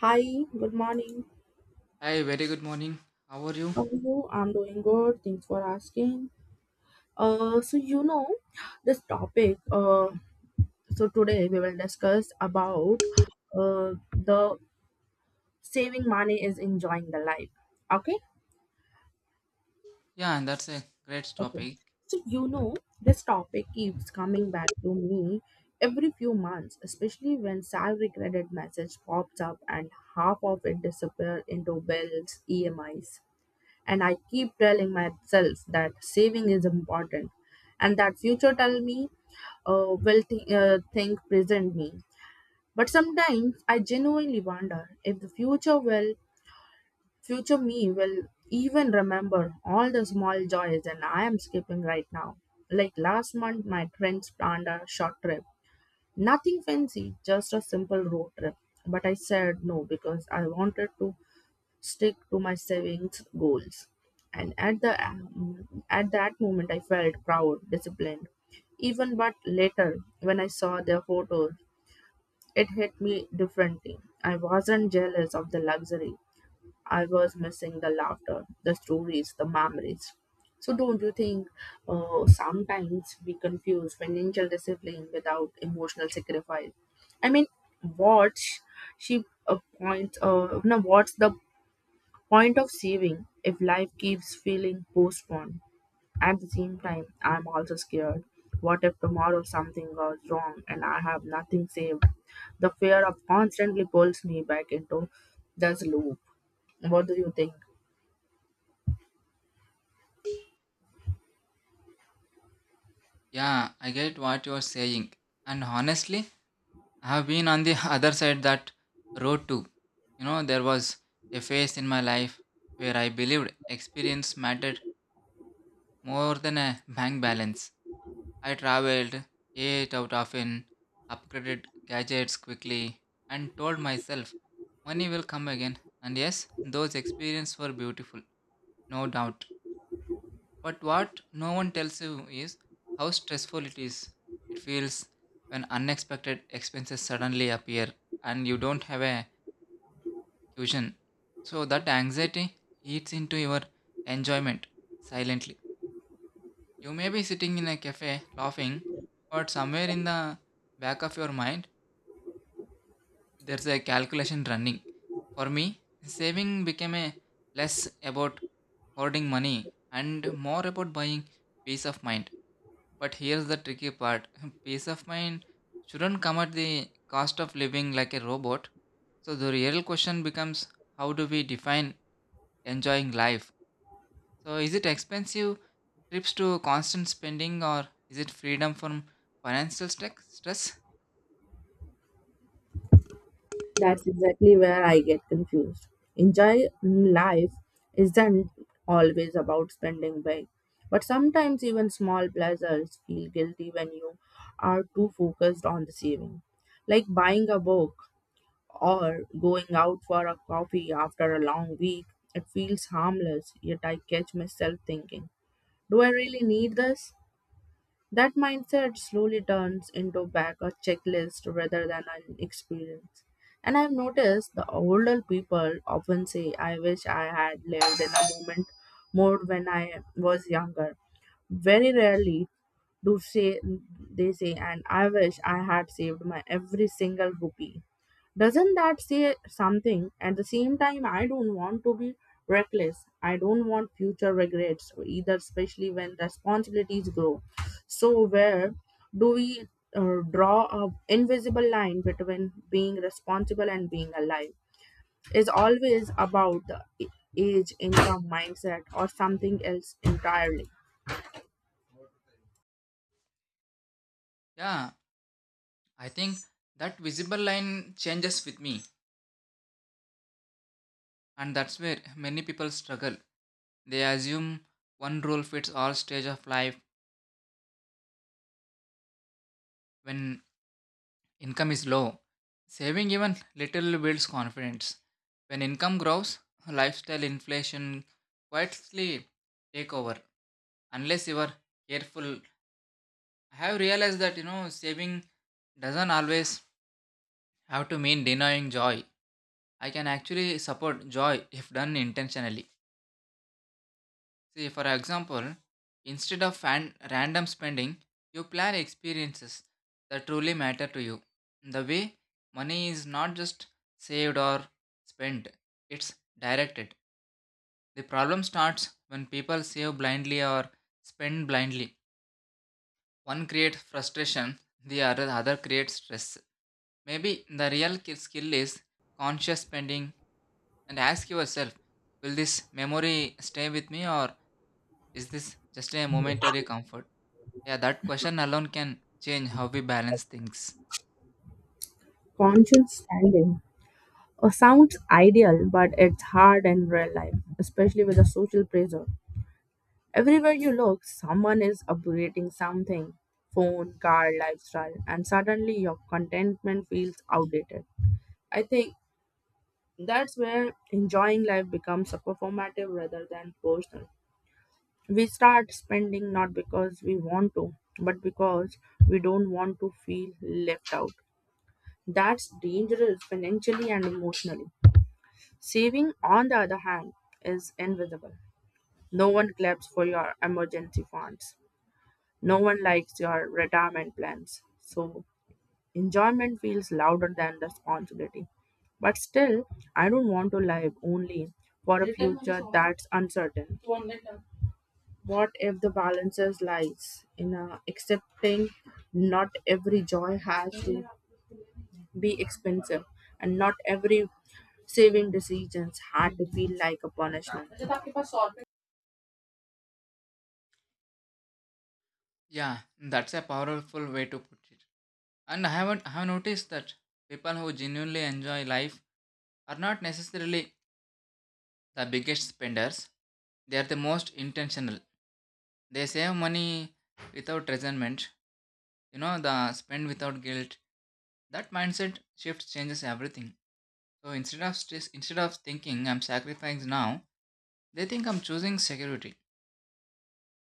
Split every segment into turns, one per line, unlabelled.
Hi, good morning.
Hi, very good morning. How are you?
How are you? I'm doing good. Thanks for asking. So you know this topic. So today we will discuss about the saving money is enjoying the life. Okay,
Yeah, and that's a great
okay.
topic.
So this topic keeps coming back to me every few months, especially when salary credit message pops up and half of it disappear into bills, EMIs, and I keep telling myself that saving is important, and that future tell me will think present me. But sometimes I genuinely wonder if the future will future me will even remember all the small joys and I am skipping right now, like last month my friends planned a short trip, nothing fancy, just a simple road trip. But I said no because I wanted to stick to my savings goals. And at that moment, I felt proud, disciplined. Even but later, when I saw their photos, it hit me differently. I wasn't jealous of the luxury. I was missing the laughter, the stories, the memories. So don't you think, sometimes we confuse financial discipline without emotional sacrifice? I mean, what's she points? No, what's the point of saving if life keeps feeling postponed? At the same time, I'm also scared. What if tomorrow something goes wrong and I have nothing saved? The fear of constantly pulls me back into this loop. What do you think?
Yeah, I get what you are saying. And honestly, I have been on the other side that road too. You know, there was a phase in my life where I believed experience mattered more than a bank balance. I traveled, ate out often, upgraded gadgets quickly, and told myself money will come again. And yes, those experiences were beautiful, no doubt. But what no one tells you is how stressful it is. It feels when unexpected expenses suddenly appear and you don't have a cushion. So that anxiety eats into your enjoyment silently. You may be sitting in a cafe laughing, but somewhere in the back of your mind, there's a calculation running. For me, saving became a less about hoarding money and more about buying peace of mind. But here's the tricky part, peace of mind shouldn't come at the cost of living like a robot. So the real question becomes, how do we define enjoying life? So is it expensive trips to constant spending, or is it freedom from financial stress?
That's exactly where I get confused. Enjoy life isn't always about spending big, but sometimes even small pleasures feel guilty when you are too focused on the saving. Like buying a book or going out for a coffee after a long week. It feels harmless, yet I catch myself thinking, do I really need this? That mindset slowly turns into back a checklist rather than an experience. And I've noticed the older people often say, I wish I had lived in a moment more when I was younger. Very rarely do say they say and I wish I had saved my every single rupee. Doesn't that say something? At the same time, I don't want to be reckless. I don't want future regrets either, especially when responsibilities grow. So, where do we draw a invisible line between being responsible and being alive? Is always about the age, income, mindset, or something else entirely?
Yeah, I think that visible line changes with me, and that's where many people struggle. They assume one rule fits all stage of life. When income is low, saving even little builds confidence. When income grows, lifestyle inflation quietly take over unless you are careful. I have realized that you know saving doesn't always have to mean denying joy. I can actually support joy if done intentionally. See, for example, instead of random spending, you plan experiences that truly matter to you. The way money is not just saved or spent, it's directed. The problem starts when people save blindly or spend blindly. One creates frustration, the other creates stress. Maybe the real skill is conscious spending, and ask yourself, will this memory stay with me or is this just a momentary comfort? Yeah, that question alone can change how we balance things.
Conscience standing sounds ideal, but it's hard in real life, especially with the social pressure. Everywhere you look, someone is upgrading something, phone, car, lifestyle, and suddenly your contentment feels outdated. I think that's where enjoying life becomes a performative rather than personal. We start spending not because we want to, but because we don't want to feel left out. That's dangerous financially and emotionally. Saving, on the other hand, is invisible. No one claps for your emergency funds. No one likes your retirement plans. So enjoyment feels louder than responsibility. But still, I don't want to live only for a future that's uncertain. What if the balances lies in accepting not every joy has to be expensive and not every saving decisions had to feel like a punishment?
Yeah, that's a powerful way to put it. And I haven't I have noticed that people who genuinely enjoy life are not necessarily the biggest spenders. They are the most intentional. They save money without resentment. You know, the spend without guilt. That mindset shift changes everything. So instead of stress, instead of thinking I'm sacrificing now, they think I'm choosing security.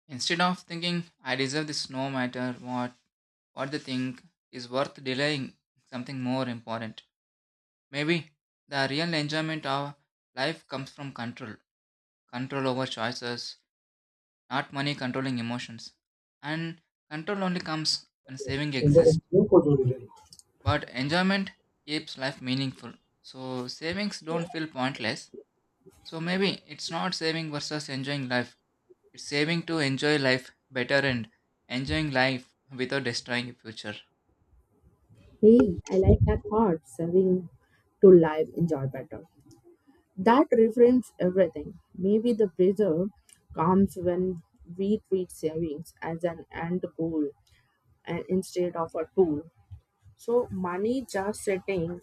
Instead of thinking I deserve this no matter what they think is worth delaying something more important. Maybe the real enjoyment of life comes from control. Control over choices, not money controlling emotions. And control only comes when saving exists. But enjoyment keeps life meaningful. So savings don't feel pointless. So maybe it's not saving versus enjoying life. It's saving to enjoy life better, and enjoying life without destroying your future.
Hey, I like that thought, serving to live enjoy better. That reframes everything. Maybe the pressure comes when we treat savings as an end goal and instead of a tool. So money just sitting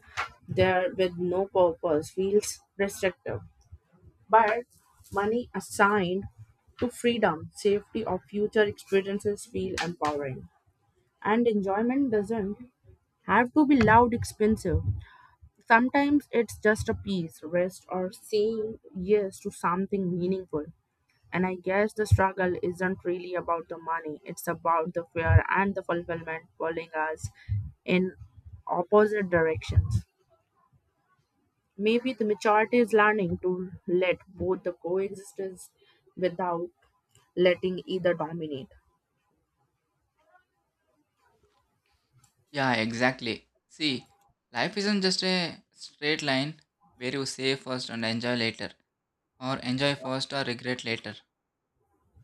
there with no purpose feels restrictive. But money assigned to freedom, safety, or future experiences feel empowering. And enjoyment doesn't have to be loud, expensive. Sometimes it's just a peace, rest, or saying yes to something meaningful. And I guess the struggle isn't really about the money, it's about the fear and the fulfillment pulling us in opposite directions. Maybe the maturity is learning to let both the coexistence without letting either dominate.
Yeah, exactly. See, life isn't just a straight line where you save first and enjoy later, or enjoy first or regret later.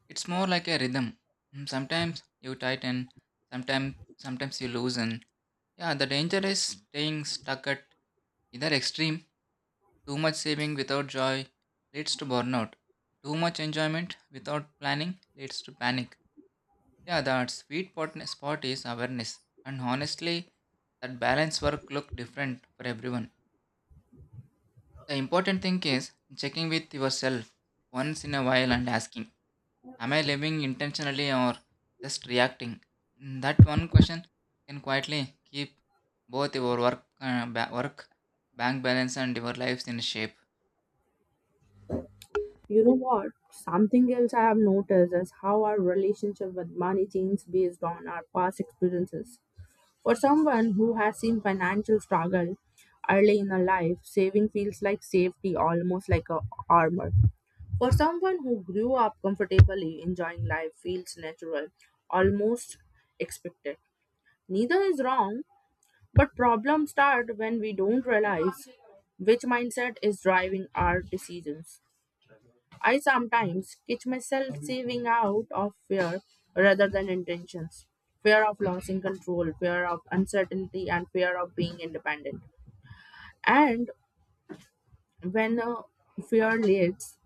It's more like a rhythm. Mm, sometimes you tighten, sometimes you loosen. Yeah, the danger is staying stuck at either extreme. Too much saving without joy leads to burnout. Too much enjoyment without planning leads to panic. Yeah, that sweet spot is awareness. And honestly, that balance work look different for everyone. The important thing is checking with yourself once in a while and asking, am I living intentionally or just reacting? That one question can quietly keep both your bank balance, and your lives in shape.
You know what? Something else I have noticed is how our relationship with money changes based on our past experiences. For someone who has seen financial struggle early in her life, saving feels like safety, almost like a armor. For someone who grew up comfortably, enjoying life feels natural, almost expected. Neither is wrong, but problems start when we don't realize which mindset is driving our decisions. I sometimes catch myself saving out of fear rather than intentions. Fear of losing control, fear of uncertainty, and fear of being independent. And when fear leads,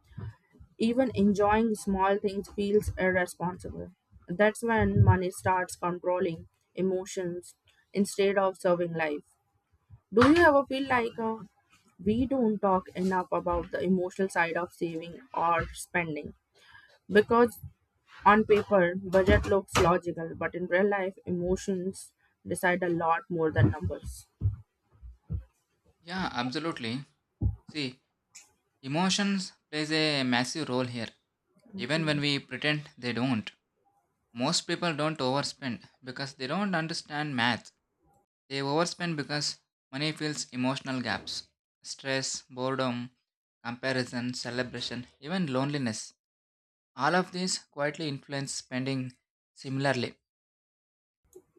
even enjoying small things feels irresponsible. That's when money starts controlling emotions instead of serving life. Do you ever feel like we don't talk enough about the emotional side of saving or spending, because on paper, budget looks logical, but in real life, emotions decide a lot more than numbers?
Yeah, absolutely. See, emotions plays a massive role here. Even when we pretend they don't. Most people don't overspend because they don't understand math. They overspend because money fills emotional gaps. Stress, boredom, comparison, celebration, even loneliness. All of these quietly influence spending similarly.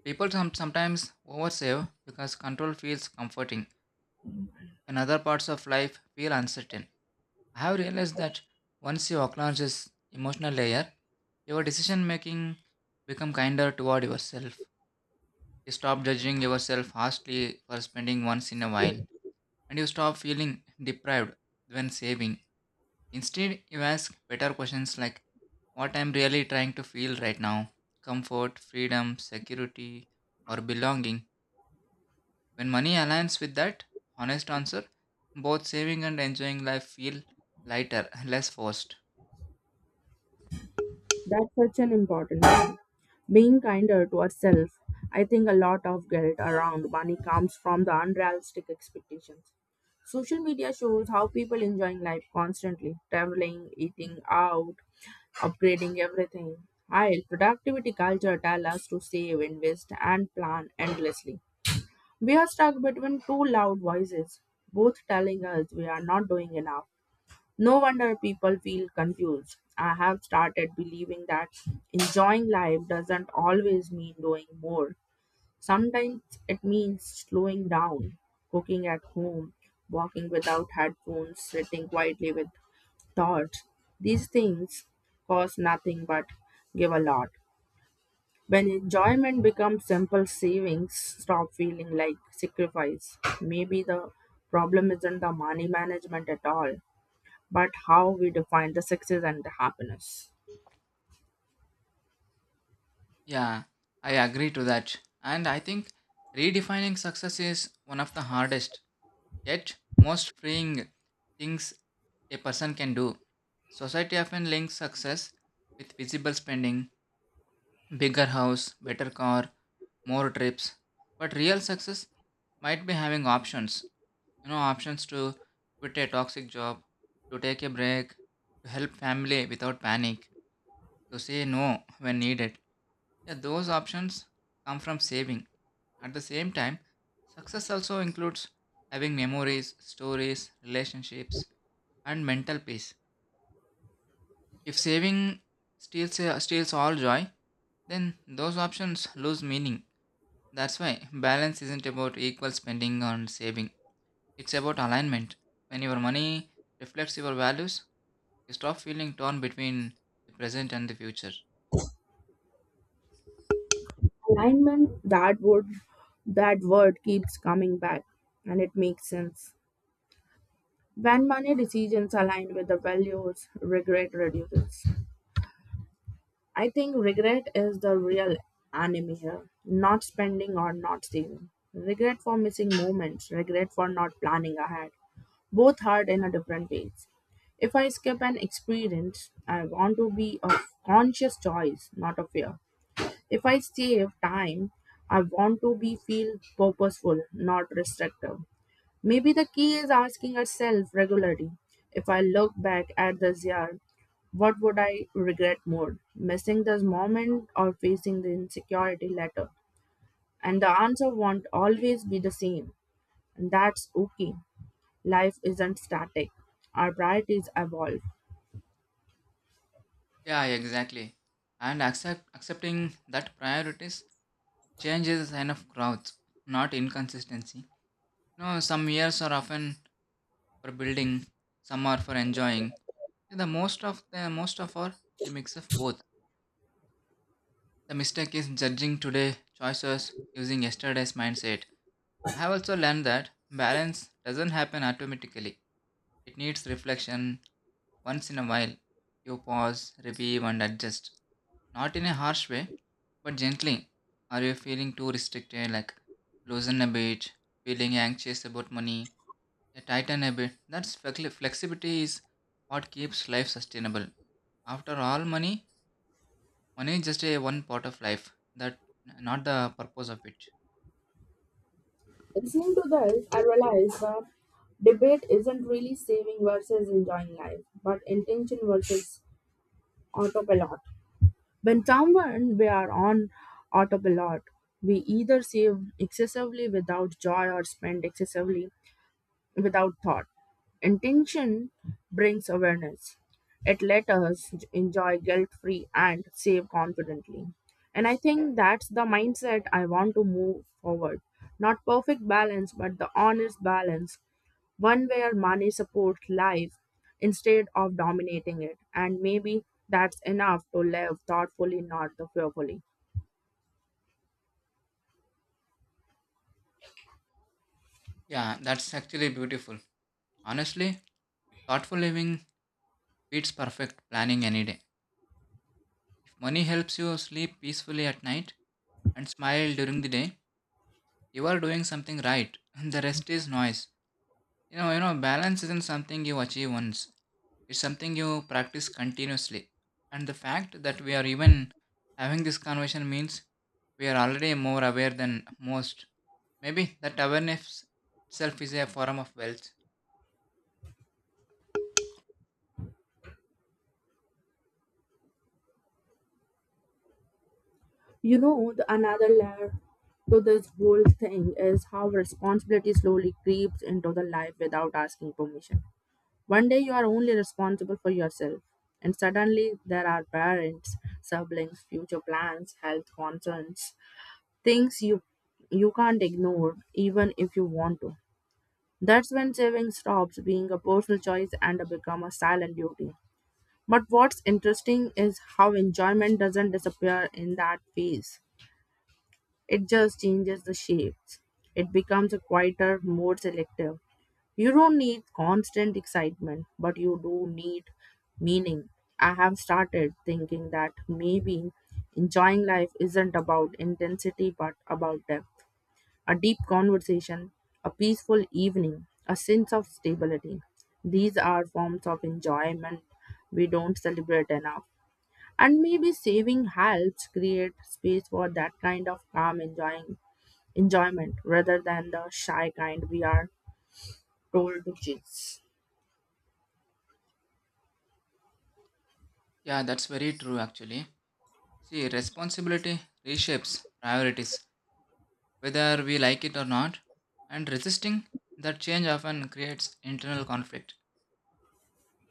People sometimes oversave because control feels comforting and other parts of life feel uncertain. I have realized that once you acknowledge this emotional layer, your decision making become kinder toward yourself. You stop judging yourself harshly for spending once in a while, and you stop feeling deprived when saving. Instead, you ask better questions like, what I'm really trying to feel right now, comfort, freedom, security, or belonging? When money aligns with that honest answer, both saving and enjoying life feel lighter, less forced.
That's such an important thing. Being kinder to ourselves, I think a lot of guilt around money comes from the unrealistic expectations. Social media shows how people enjoying life constantly, traveling, eating out, upgrading everything. While productivity culture tells us to save, invest, and plan endlessly. We are stuck between two loud voices, both telling us we are not doing enough. No wonder people feel confused. I have started believing that enjoying life doesn't always mean doing more. Sometimes it means slowing down, cooking at home, walking without headphones, sitting quietly with thoughts. These things cost nothing but give a lot. When enjoyment becomes simple savings, stop feeling like sacrifice. Maybe the problem isn't the money management at all, but how we define the success and the happiness.
Yeah, I agree to that. And I think redefining success is one of the hardest, yet most freeing things a person can do. Society often links success with visible spending, bigger house, better car, more trips. But real success might be having options. You know, options to quit a toxic job, to take a break, to help family without panic, to say no when needed. Yeah, those options come from saving. At the same time, success also includes having memories, stories, relationships, and mental peace. If saving steals all joy, then those options lose meaning. That's why balance isn't about equal spending on saving, it's about alignment. When your money reflects your values, you stop feeling torn between the present and the future.
Alignment, that word. That word keeps coming back and it makes sense. When money decisions align with the values, regret reduces. I think regret is the real enemy here. Not spending or not saving. Regret for missing moments, regret for not planning ahead. Both hard in a different ways. If I skip an experience, I want to be a conscious choice, not a fear. If I save time, I want to be feel purposeful, not restrictive. Maybe the key is asking ourselves regularly, if I look back at this year, what would I regret more, missing this moment or facing the insecurity later? And the answer won't always be the same. And that's okay. Life isn't static, our priorities evolve.
Yeah, exactly. And accepting that priorities change is a sign of growth, not inconsistency. No, some years are often for building, some are for enjoying. The most of are a mix of both. The mistake is judging today choices using yesterday's mindset. I have also learned that balance doesn't happen automatically. It needs reflection once in a while. You pause, review, and adjust. Not in a harsh way, but gently. Are you feeling too restricted? Like loosen a bit, feeling anxious about money, yeah, tighten a bit. That's flexibility is what keeps life sustainable. After all, money is just a one part of life. That not the purpose of it.
Listening to this, I realize the debate isn't really saving versus enjoying life, but intention versus autopilot. When someone we are on autopilot, we either save excessively without joy or spend excessively without thought. Intention brings awareness. It let us enjoy guilt free and save confidently. And I think that's the mindset I want to move forward. Not perfect balance, but the honest balance, one where money supports life instead of dominating it. And maybe that's enough to live thoughtfully, not the fearfully.
Yeah, that's actually beautiful. Honestly, thoughtful living beats perfect planning any day. If money helps you sleep peacefully at night and smile during the day, you are doing something right. The rest is noise. You know, balance isn't something you achieve once, it's something you practice continuously, and the fact that we are even having this conversation means we are already more aware than most. Maybe that awareness itself is a form of wealth.
You know, the another layer to this whole thing is how responsibility slowly creeps into the life without asking permission. One day you are only responsible for yourself, and suddenly there are parents, siblings, future plans, health concerns, things you can't ignore even if you want to. That's when saving stops being a personal choice and become a silent duty. But what's interesting is how enjoyment doesn't disappear in that phase, it just changes the shapes. It becomes a quieter, more selective. You don't need constant excitement, but you do need meaning. I have started thinking that maybe enjoying life isn't about intensity but about depth. A deep conversation, a peaceful evening, a sense of stability. These are forms of enjoyment we don't celebrate enough. And maybe saving helps create space for that kind of calm enjoying enjoyment rather than the shy kind we are told to chase.
Yeah, that's very true actually. See, responsibility reshapes priorities, whether we like it or not, and resisting that change often creates internal conflict.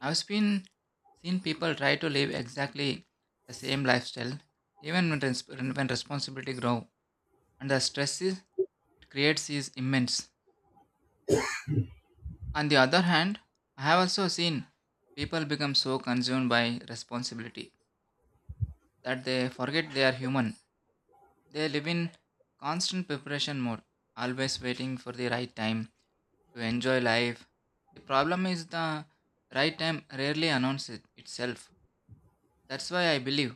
I've been seen people try to live exactly the same lifestyle, even when responsibility grow, and the stress is, it creates is immense. On the other hand, I have also seen people become so consumed by responsibility that they forget they are human. They live in constant preparation mode, always waiting for the right time to enjoy life. The problem is the right time rarely announces itself. That's why I believe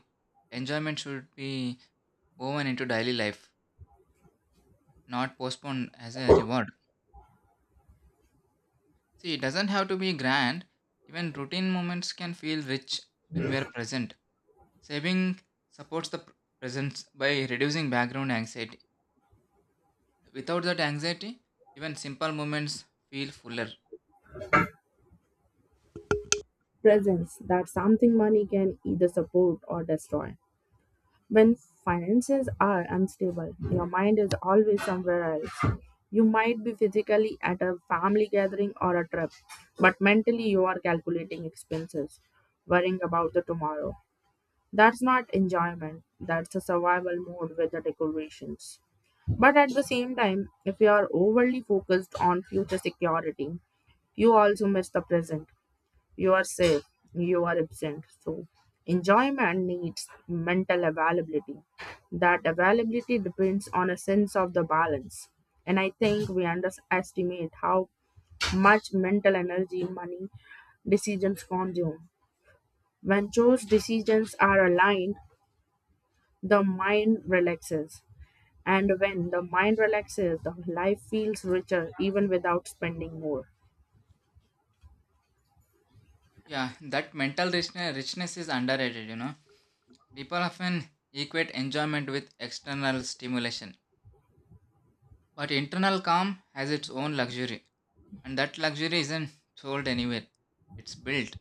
enjoyment should be woven into daily life, not postponed as a reward. See, it doesn't have to be grand. Even routine moments can feel rich when we are present. Saving supports the presence by reducing background anxiety. Without that anxiety, even simple moments feel fuller.
Presence, that something money can either support or destroy. When finances are unstable, your mind is always somewhere else. You might be physically at a family gathering or a trip, but mentally you are calculating expenses, worrying about the tomorrow. That's not enjoyment, that's a survival mode with the decorations. But at the same time, if you are overly focused on future security, you also miss the present. You are safe, you are absent. So, enjoyment needs mental availability. That availability depends on a sense of the balance. And I think we underestimate how much mental energy money decisions consume. When those decisions are aligned, the mind relaxes. And when the mind relaxes, the life feels richer even without spending more.
Yeah, that mental richness is underrated, you know. People often equate enjoyment with external stimulation. But internal calm has its own luxury, and that luxury isn't sold anywhere. It's built.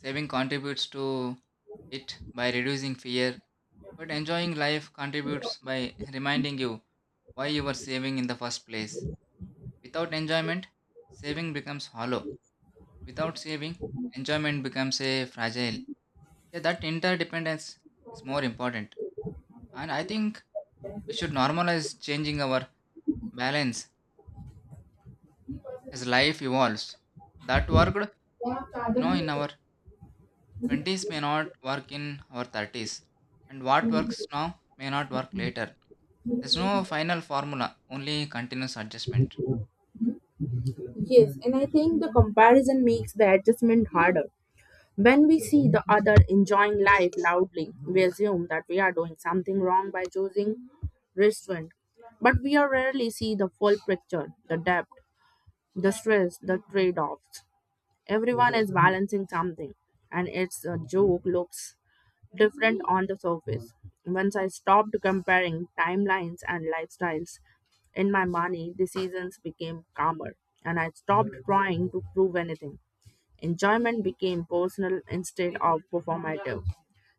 Saving contributes to it by reducing fear, but enjoying life contributes by reminding you why you were saving in the first place. Without enjoyment, saving becomes hollow. Without saving, enjoyment becomes a fragile. Yeah, that interdependence is more important. And I think we should normalize changing our balance as life evolves. That worked, you know, in
Yes,
our 20s may not work in our 30s, and what works now may not work later. There's no final formula, only continuous adjustment.
and I think the comparison makes the adjustment harder. When we see the other enjoying life loudly, we assume that we are doing something wrong by choosing restraint. But we are rarely see the full picture, the depth, the stress, the trade-offs. Everyone is balancing something, and its a joke looks different on the surface. Once I stopped comparing timelines and lifestyles in my money, decisions became calmer, and I stopped trying to prove anything. Enjoyment became personal instead of performative.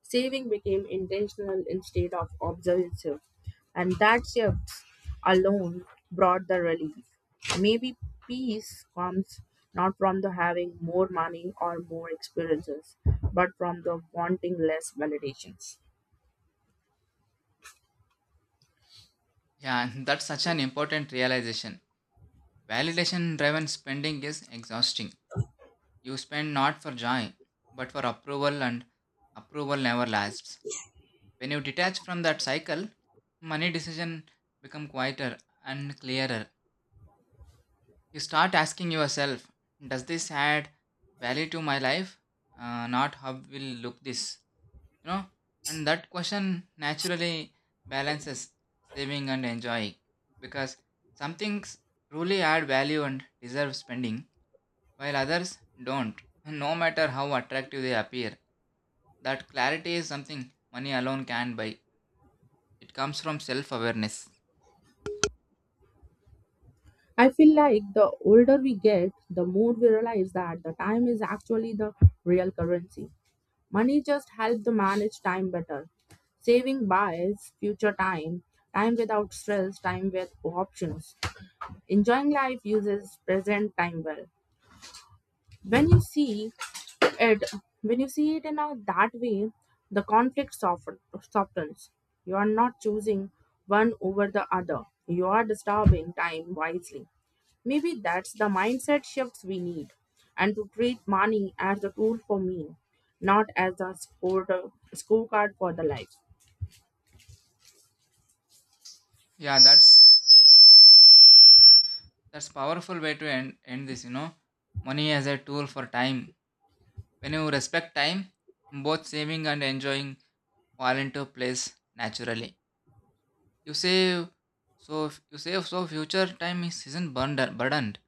Saving became intentional instead of obsessive, and that shift alone brought the relief. Maybe peace comes not from the having more money or more experiences, but from the wanting less validations.
Yeah, and that's such an important realization. Validation driven spending is exhausting. You spend not for joy, but for approval, and approval never lasts. When you detach from that cycle, money decision become quieter and clearer. You start asking yourself, does this add value to my life, not how will look this, you know? And that question naturally balances saving and enjoying, because some things truly add value and deserve spending, while others don't, no matter how attractive they appear. That clarity is something money alone can buy. It comes from self awareness.
I feel like the older we get, the more we realize that the time is actually the real currency. Money just helps to manage time better. Saving buys future time, time without stress, time with options. Enjoying life uses present time well. When you see it when you see it in a that way, the conflict softens. You are not choosing one over the other, you are disturbing time wisely. Maybe that's the mindset shifts we need, and to treat money as a tool for me, not as a scorecard for the life.
Yeah, that's powerful way to end this, you know. Money as a tool for time. When you respect time, both saving and enjoying fall into place naturally. You save you save so future time is, isn't burdened,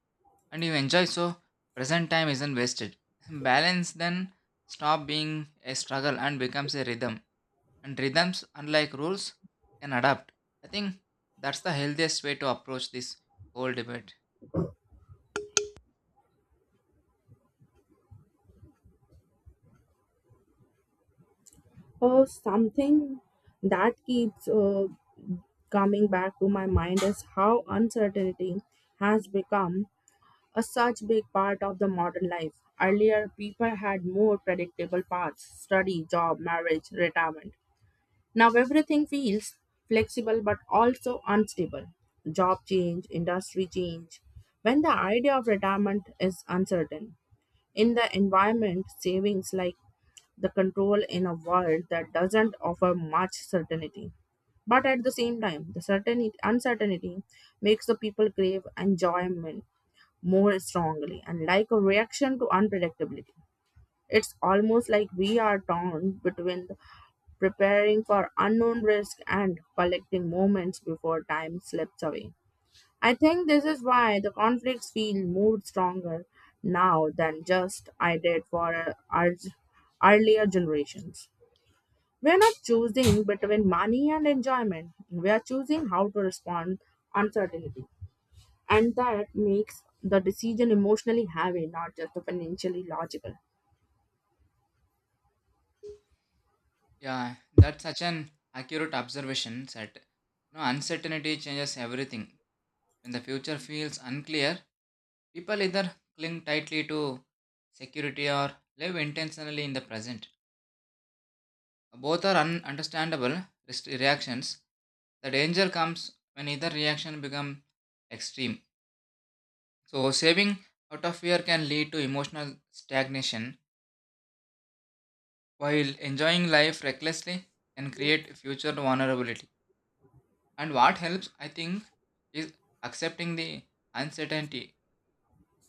and you enjoy so present time isn't wasted. Balance then stop being a struggle and becomes a rhythm. And rhythms, unlike rules, can adapt. I think that's the healthiest way to approach this whole debate.
Or something that keeps coming back to my mind is how uncertainty has become a such big part of the modern life. Earlier, people had more predictable paths, study, job, marriage, retirement. Now, everything feels flexible but also unstable. Job change, industry change, when the idea of retirement is uncertain. In the environment, savings like the control in a world that doesn't offer much certainty. But at the same time, the certainty, uncertainty makes the people crave enjoyment more strongly and like a reaction to unpredictability. It's almost like we are torn between preparing for unknown risk and collecting moments before time slips away. I think this is why the conflicts feel more stronger now than just I did for our earlier generations. We are not choosing between money and enjoyment. We are choosing how to respond uncertainty, and that makes the decision emotionally heavy, not just financially logical.
Yeah, that's such an accurate observation that you know, uncertainty changes everything. When the future feels unclear, people either cling tightly to security or live intentionally in the present. Both are ununderstandable reactions. The danger comes when either reaction becomes extreme. So, saving out of fear can lead to emotional stagnation, while enjoying life recklessly can create future vulnerability. And what helps, I think, is accepting the uncertainty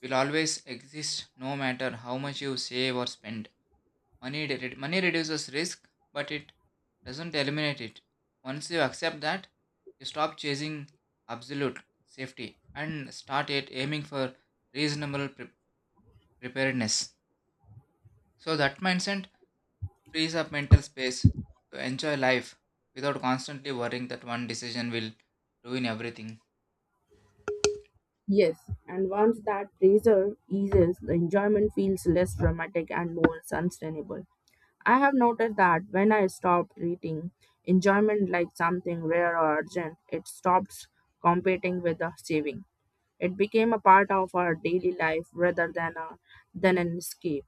will always exist no matter how much you save or spend. Money reduces risk, but it doesn't eliminate it. Once you accept that, you stop chasing absolute safety and start at aiming for reasonable preparedness. So that mindset frees up mental space to enjoy life without constantly worrying that one decision will ruin everything.
Yes, and once that pressure eases, the enjoyment feels less dramatic and more sustainable. I have noticed that when I stopped treating enjoyment like something rare or urgent, it stops competing with the saving. It became a part of our daily life rather than a than an escape.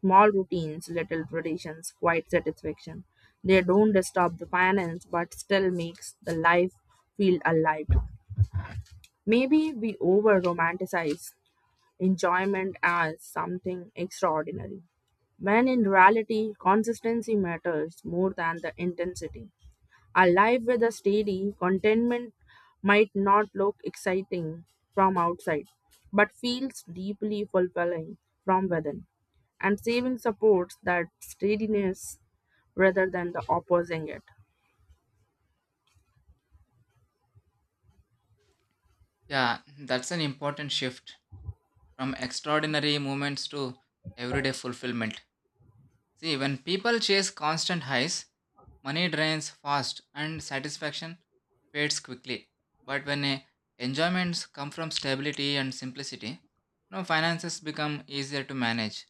Small routines, little traditions, quiet satisfaction. They don't disturb the finance but still makes the life feel alive. Maybe we over romanticize enjoyment as something extraordinary, when in reality, consistency matters more than the intensity. A life with a steady contentment might not look exciting from outside, but feels deeply fulfilling from within. And saving supports that steadiness rather than the opposing it.
Yeah, that's an important shift from extraordinary moments to everyday fulfillment. See, when people chase constant highs, money drains fast and satisfaction fades quickly. But when enjoyments come from stability and simplicity, no finances become easier to manage.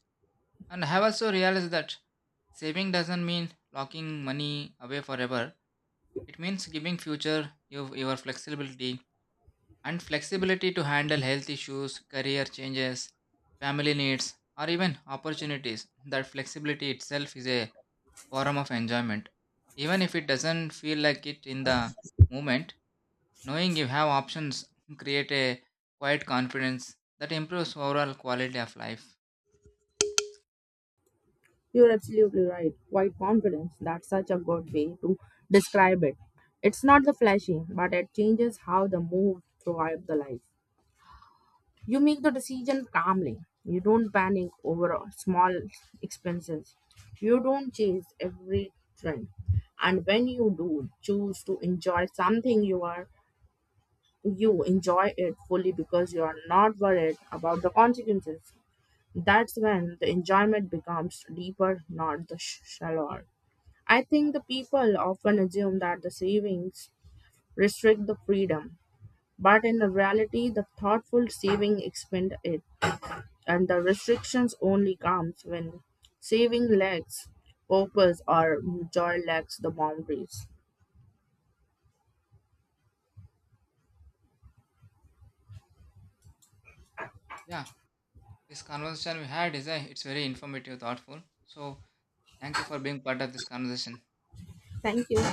And I have also realized that saving doesn't mean locking money away forever. It means giving future you your flexibility and flexibility to handle health issues, career changes, family needs, or even opportunities. That flexibility itself is a form of enjoyment. Even if it doesn't feel like it in the moment, knowing you have options create a quiet confidence that improves overall quality of life.
You're absolutely right. Quite confidence, that's such a good way to describe it. It's not the flashy, but it changes how the move throughout the life. You make the decision calmly. You don't panic over small expenses. You don't chase every trend. And when you do choose to enjoy something you enjoy it fully because you are not worried about the consequences. That's when the enjoyment becomes deeper, not the shallower. I think the people often assume that the savings restrict the freedom, but in the reality, the thoughtful saving expand it, and the restrictions only comes when saving lacks purpose or joy lacks the boundaries.
Yeah, this conversation we had is a, it's very informative, thoughtful. So thank you for being part of this conversation.
Thank you.